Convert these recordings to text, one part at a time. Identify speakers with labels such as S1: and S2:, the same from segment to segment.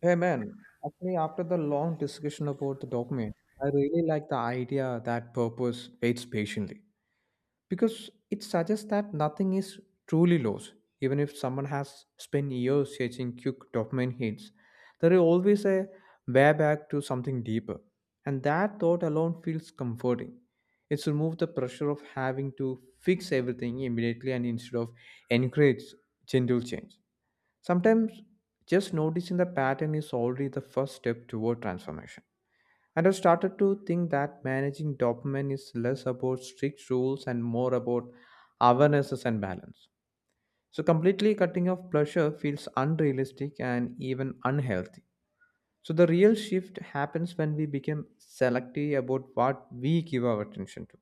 S1: Hey man, actually, after the long discussion about the dopamine, I really like the idea that purpose waits patiently because it suggests that nothing is truly lost. Even if someone has spent years chasing quick dopamine hits, there is always a way back to something deeper. And that thought alone feels comforting. It's removed the pressure of having to fix everything immediately and instead of encourage gentle change. Sometimes just noticing the pattern is already the first step toward transformation. And I've started to think that managing dopamine is less about strict rules and more about awarenesses and balance. So, completely cutting off pleasure feels unrealistic and even unhealthy. So, the real shift happens when we become selective about what we give our attention to.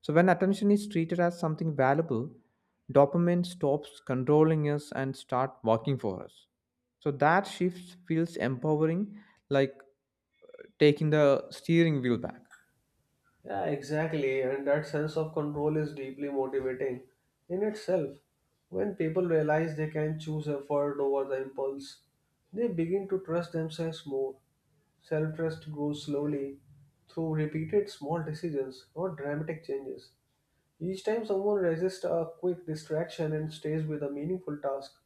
S1: So, when attention is treated as something valuable, dopamine stops controlling us and start working for us. So that shift feels empowering, like taking the steering wheel back.
S2: Yeah, exactly. And that sense of control is deeply motivating in itself. When people realize they can choose effort over the impulse, they begin to trust themselves more. Self trust grows slowly through repeated small decisions, not dramatic changes. Each time someone resists a quick distraction and stays with a meaningful task,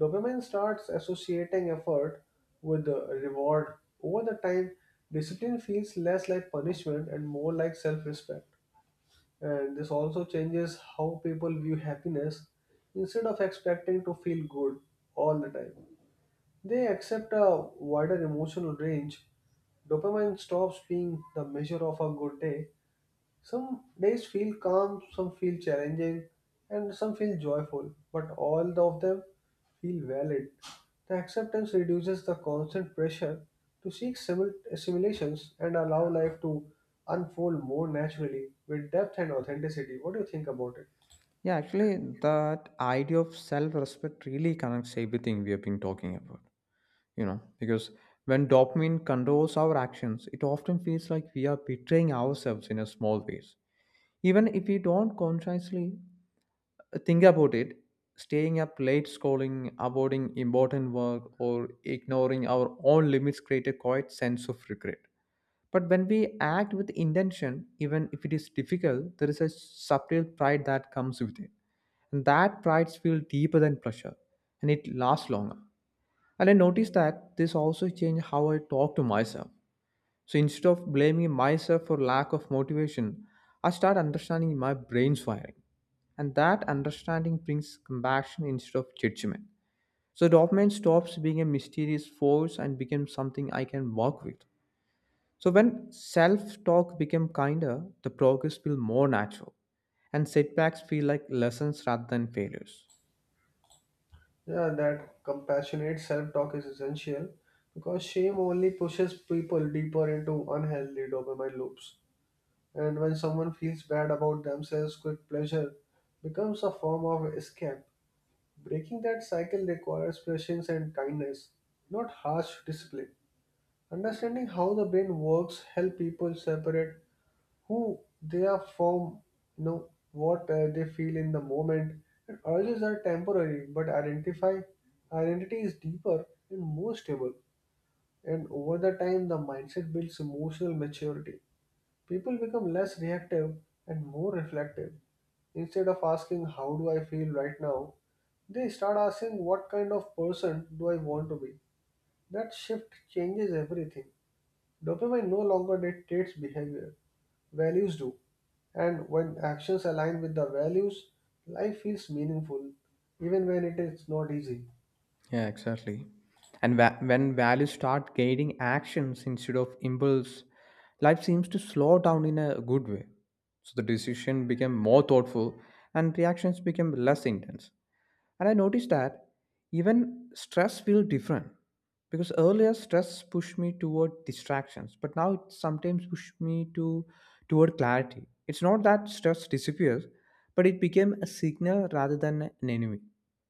S2: dopamine starts associating effort with the reward. Over the time, discipline feels less like punishment and more like self respect. And this also changes how people view happiness. Instead of expecting to feel good all the time, they accept a wider emotional range. Dopamine stops being the measure of a good day. Some days feel calm, some feel challenging, and some feel joyful, but all of them feel valid. The acceptance reduces the constant pressure to seek simulations and allow life to unfold more naturally with depth and authenticity. What do you think about it?
S1: Yeah, actually, that idea of self-respect really connects everything we have been talking about. You know, because when dopamine controls our actions, it often feels like we are betraying ourselves in a small ways. Even if we don't consciously think about it. Staying up late scrolling, avoiding important work, or ignoring our own limits create a quiet sense of regret. But when we act with intention, even if it is difficult, there is a subtle pride that comes with it. And that pride feels deeper than pressure, and it lasts longer. And I noticed that this also changed how I talk to myself. So instead of blaming myself for lack of motivation, I start understanding my brain's wiring. And that understanding brings compassion instead of judgment. So dopamine stops being a mysterious force and becomes something I can work with. So when self-talk becomes kinder, the progress feels more natural and setbacks feel like lessons rather than failures.
S2: Yeah, that compassionate self talk is essential because shame only pushes people deeper into unhealthy dopamine loops. And when someone feels bad about themselves, quick pleasure becomes a form of escape. Breaking that cycle requires patience and kindness, not harsh discipline. Understanding how the brain works help people separate who they are from, you know, what they feel in the moment. And urges are temporary, but identify identity is deeper and more stable. And over the time, the mindset builds emotional maturity. People become less reactive and more reflective. Instead of asking, how do I feel right now? They start asking, what kind of person do I want to be? That shift changes everything. Dopamine no longer dictates behavior, values do. And when actions align with the values, life feels meaningful, even when it is not easy.
S1: Yeah, exactly. And when values start guiding actions instead of impulse, life seems to slow down in a good way. So the decision became more thoughtful and reactions became less intense. And I noticed that even stress feels different because earlier stress pushed me toward distractions, but now it sometimes pushes me to toward clarity. It's not that stress disappears, but it became a signal rather than an enemy.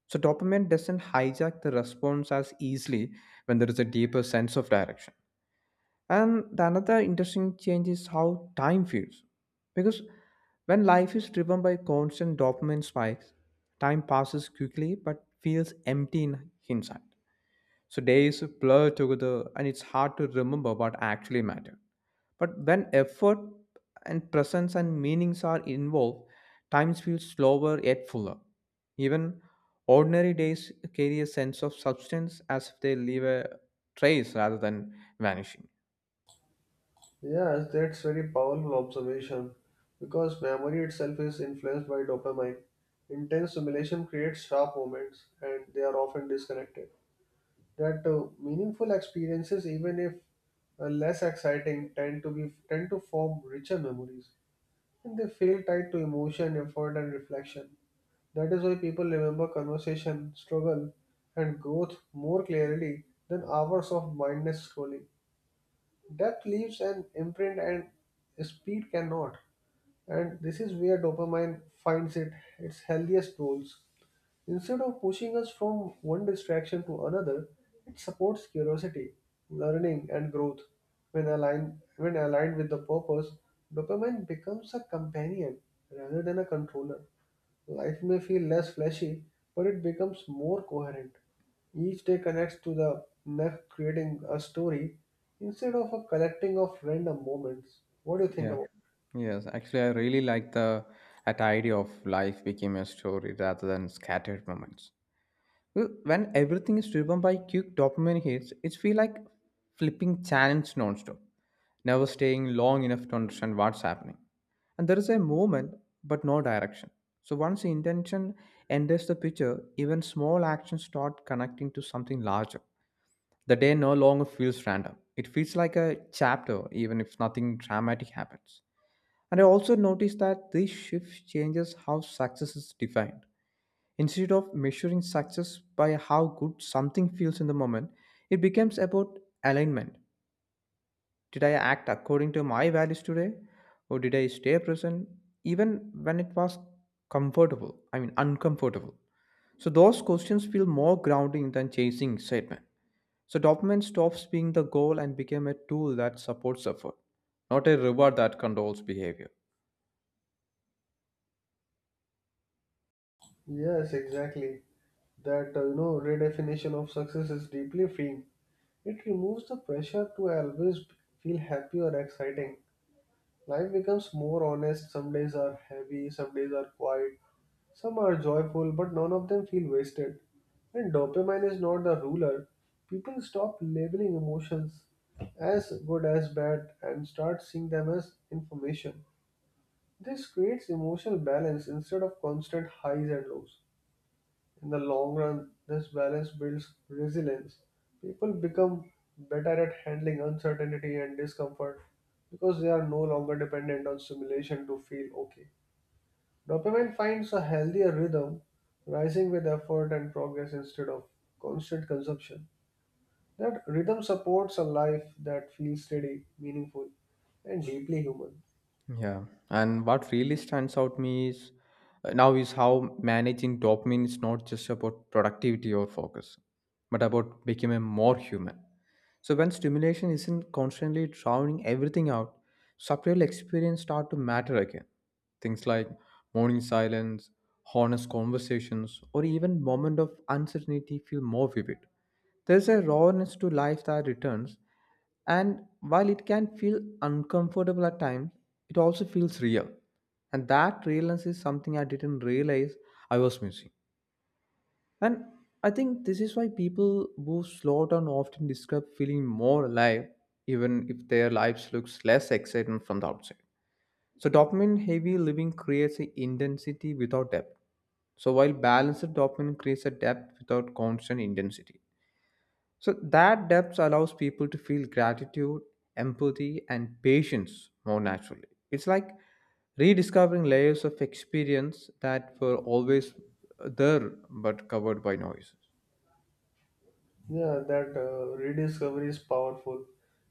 S1: So dopamine doesn't hijack the response as easily when there is a deeper sense of direction. And the another interesting change is how time feels. Because when life is driven by constant dopamine spikes, time passes quickly but feels empty in hindsight. So days blur together and it's hard to remember what actually mattered. But when effort and presence and meanings are involved, times feel slower yet fuller. Even ordinary days carry a sense of substance as if they leave a trace rather than vanishing.
S2: Yes, that's very powerful observation because memory itself is influenced by dopamine. Intense stimulation creates sharp moments and they are often disconnected. That meaningful experiences, even if less exciting, tend to form richer memories, and they feel tied to emotion, effort and reflection. That is why people remember conversation, struggle and growth more clearly than hours of mindless scrolling. Depth leaves an imprint and speed cannot. And this is where dopamine finds it its healthiest roles. Instead of pushing us from one distraction to another, it supports curiosity, learning, and growth. When aligned with the purpose, dopamine becomes a companion rather than a controller. Life may feel less flashy, but it becomes more coherent. Each day connects to the next, creating a story instead of a collecting of random moments. What do you think
S1: Yeah.
S2: about?
S1: Yes. Actually, I really like the that idea of life became a story rather than scattered moments. Well, when everything is driven by quick dopamine hits, it feels like flipping channels nonstop, never staying long enough to understand what's happening. And there is a movement, but no direction. So once the intention enters the picture, even small actions start connecting to something larger. The day no longer feels random. It feels like a chapter, even if nothing dramatic happens. And I also noticed that this shift changes how success is defined. Instead of measuring success by how good something feels in the moment, it becomes about alignment. Did I act according to my values today? Or did I stay present even when it was comfortable? I mean, uncomfortable. So those questions feel more grounding than chasing excitement. So dopamine stops being the goal and became a tool that supports effort, not a reward that controls behavior.
S2: Yes, exactly. That you know, redefinition of success is deeply freeing. It removes the pressure to always feel happy or exciting. Life becomes more honest. Some days are heavy, some days are quiet, some are joyful, but none of them feel wasted. When dopamine is not the ruler, people stop labeling emotions as good as bad and start seeing them as information. This creates emotional balance instead of constant highs and lows. In the long run, this balance builds resilience. People become better at handling uncertainty and discomfort because they are no longer dependent on stimulation to feel okay. Dopamine finds a healthier rhythm, rising with effort and progress instead of constant consumption. That rhythm supports a life that feels steady, meaningful, and deeply human.
S1: Yeah, and what really stands out me is now is how managing dopamine is not just about productivity or focus, but about becoming more human. So when stimulation isn't constantly drowning everything out, subtle experience start to matter again. Things like morning silence, honest conversations, or even moment of uncertainty feel more vivid. There's a rawness to life that returns, and while it can feel uncomfortable at times, it also feels real. And that realness is something I didn't realize I was missing. And I think this is why people who slow down often describe feeling more alive, even if their lives looks less exciting from the outside. So dopamine heavy living creates a intensity without depth. So while balanced dopamine creates a depth without constant intensity. So that depth allows people to feel gratitude, empathy, and patience more naturally. It's like rediscovering layers of experience that were always there but covered by noise.
S2: Yeah, that rediscovery is powerful,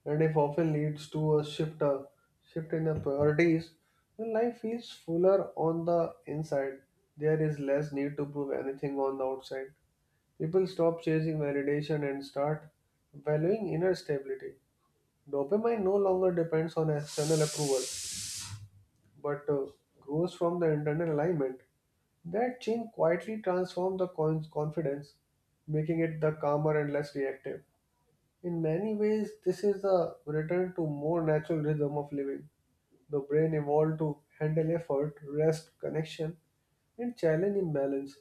S2: and if often leads to a shift in the priorities, when life feels fuller on the inside, there is less need to prove anything on the outside. People stop chasing validation and start valuing inner stability. Dopamine no longer depends on external approval, but grows from the internal alignment. That change quietly transforms the coin's confidence, making it the calmer and less reactive. In many ways, this is a return to more natural rhythm of living. The brain evolved to handle effort, rest, connection, and challenge imbalance.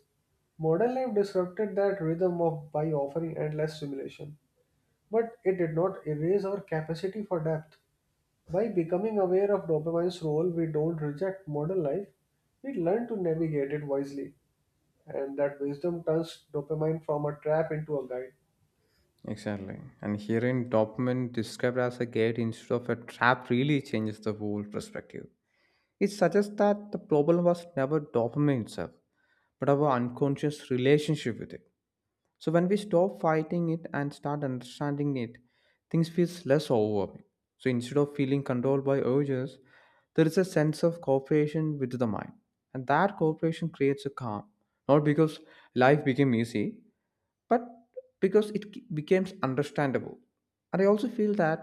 S2: Modern life disrupted that rhythm of by offering endless stimulation. But it did not erase our capacity for depth. By becoming aware of dopamine's role, we don't reject modern life. We learn to navigate it wisely, and that wisdom turns dopamine from a trap into a guide.
S1: Exactly. And hearing dopamine described as a gate instead of a trap really changes the whole perspective. It suggests that the problem was never dopamine itself, but our unconscious relationship with it. So when we stop fighting it and start understanding it, things feels less overwhelming. So instead of feeling controlled by urges, there is a sense of cooperation with the mind. And that cooperation creates a calm, not because life became easy, but because it becomes understandable. And I also feel that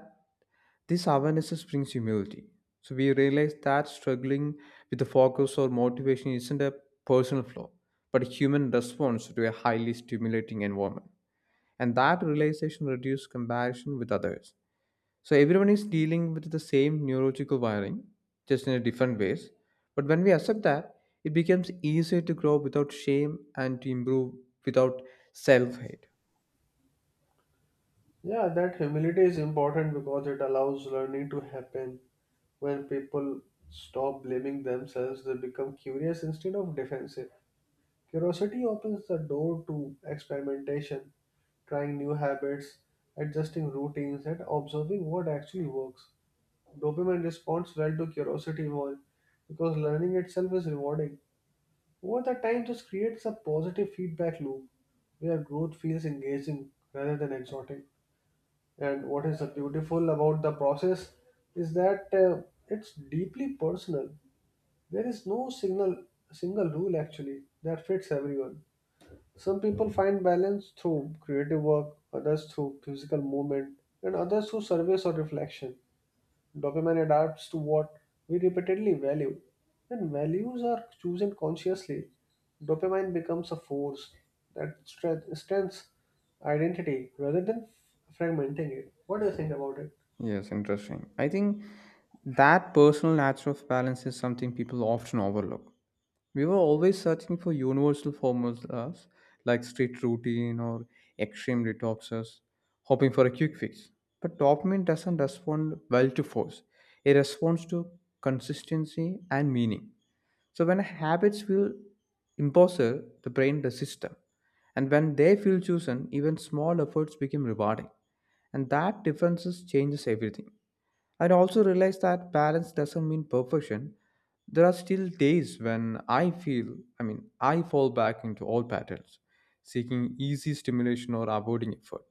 S1: this awareness brings humility. So we realize that struggling with the focus or motivation isn't a personal flaw, but a human response to a highly stimulating environment. And that realization reduces comparison with others. So everyone is dealing with the same neurological wiring, just in a different ways. But when we accept that, it becomes easier to grow without shame and to improve without self hate.
S2: Yeah, that humility is important because it allows learning to happen. When people stop blaming themselves, they become curious instead of defensive. Curiosity opens the door to experimentation, trying new habits, adjusting routines, and observing what actually works. Dopamine responds well to curiosity more because learning itself is rewarding. Over the time, this creates a positive feedback loop where growth feels engaging rather than exotic. And what is beautiful about the process is that it's deeply personal. There is no single rule actually that fits everyone. Some people find balance through creative work, others through physical movement, and others thugh service or reflection. Dopamine adapts to what we repeatedly value. When values are chosen consciously, dopamine becomes a force that strengthens identity rather than fragmenting it. What do you think about it?
S1: Yes, interesting. I think that personal nature of balance is something people often overlook. We were always searching for universal formulas like strict routine or extreme detoxes, hoping for a quick fix. But dopamine doesn't respond well to force. It responds to consistency and meaning. So when habits feel impossible, the brain resists them. And when they feel chosen, even small efforts become rewarding. And that differences changes everything. I also realize that balance doesn't mean perfection. There are still days when I feel, I mean, I fall back into old patterns, seeking easy stimulation or avoiding effort.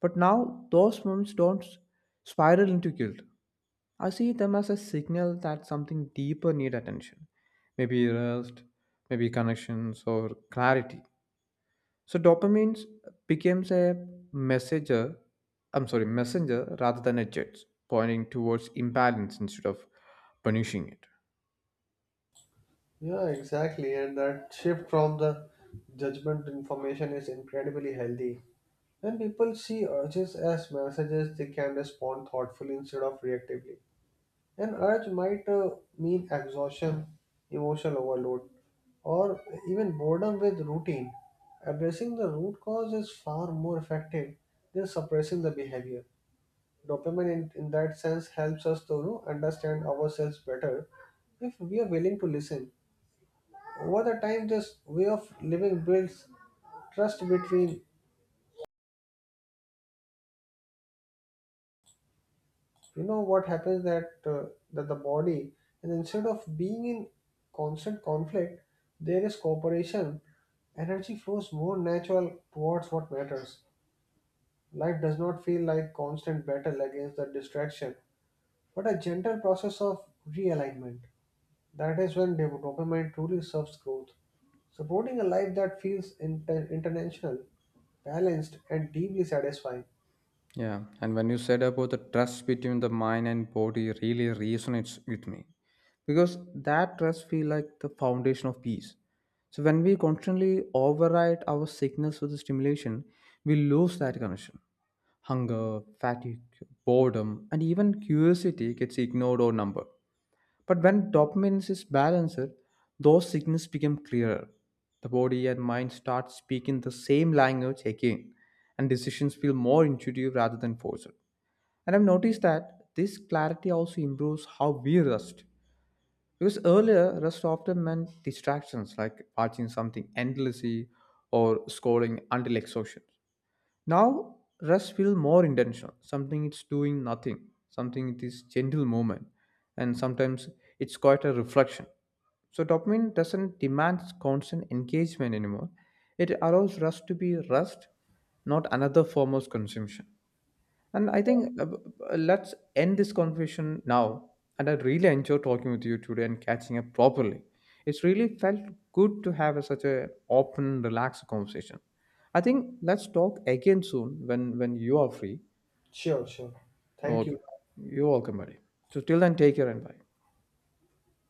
S1: But now those moments don't spiral into guilt. I see them as a signal that something deeper need attention. Maybe rest, maybe connections or clarity. So dopamine becomes a messenger, I'm sorry, messenger rather than a jet, pointing towards imbalance instead of punishing it.
S2: Yeah, exactly. And that shift from the judgment to information is incredibly healthy. When people see urges as messages, they can respond thoughtfully instead of reactively. An urge might mean exhaustion, emotional overload, or even boredom with routine. Addressing the root cause is far more effective than suppressing the behavior. Dopamine, in that sense, helps us to, you know, understand ourselves better if we are willing to listen. Over the time, this way of living builds trust between, you know, what happens that that the body. And instead of being in constant conflict, there is cooperation. Energy flows more natural towards what matters. Life does not feel like constant battle against the distraction, but a gentle process of realignment. That is when dopamine truly serves growth, supporting a life that feels international, balanced and deeply satisfying.
S1: Yeah, and when you said about the trust between the mind and body really resonates with me because that trust feel like the foundation of peace. So when we constantly override our signals with the stimulation, we lose that connection. Hunger, fatigue, boredom, and even curiosity gets ignored or numbered. But when dopamine is balanced, those signals become clearer. The body and mind start speaking the same language again, and decisions feel more intuitive rather than forced. And I've noticed that this clarity also improves how we rest. Because earlier, rest often meant distractions like watching something endlessly or scrolling until exhaustion. Now, rest feel more intentional. Something it's doing nothing. Something it is gentle movement, and sometimes it's quite a reflection. So dopamine doesn't demand constant engagement anymore. It allows rest to be rest, not another form of consumption. And I think let's end this conversation now. And I really enjoyed talking with you today and catching up properly. It's really felt good to have a, such a open, relaxed conversation. I think let's talk again soon when you are free.
S2: Sure, sure. Thank you.
S1: Okay, you're welcome, buddy. So till then, take care and bye.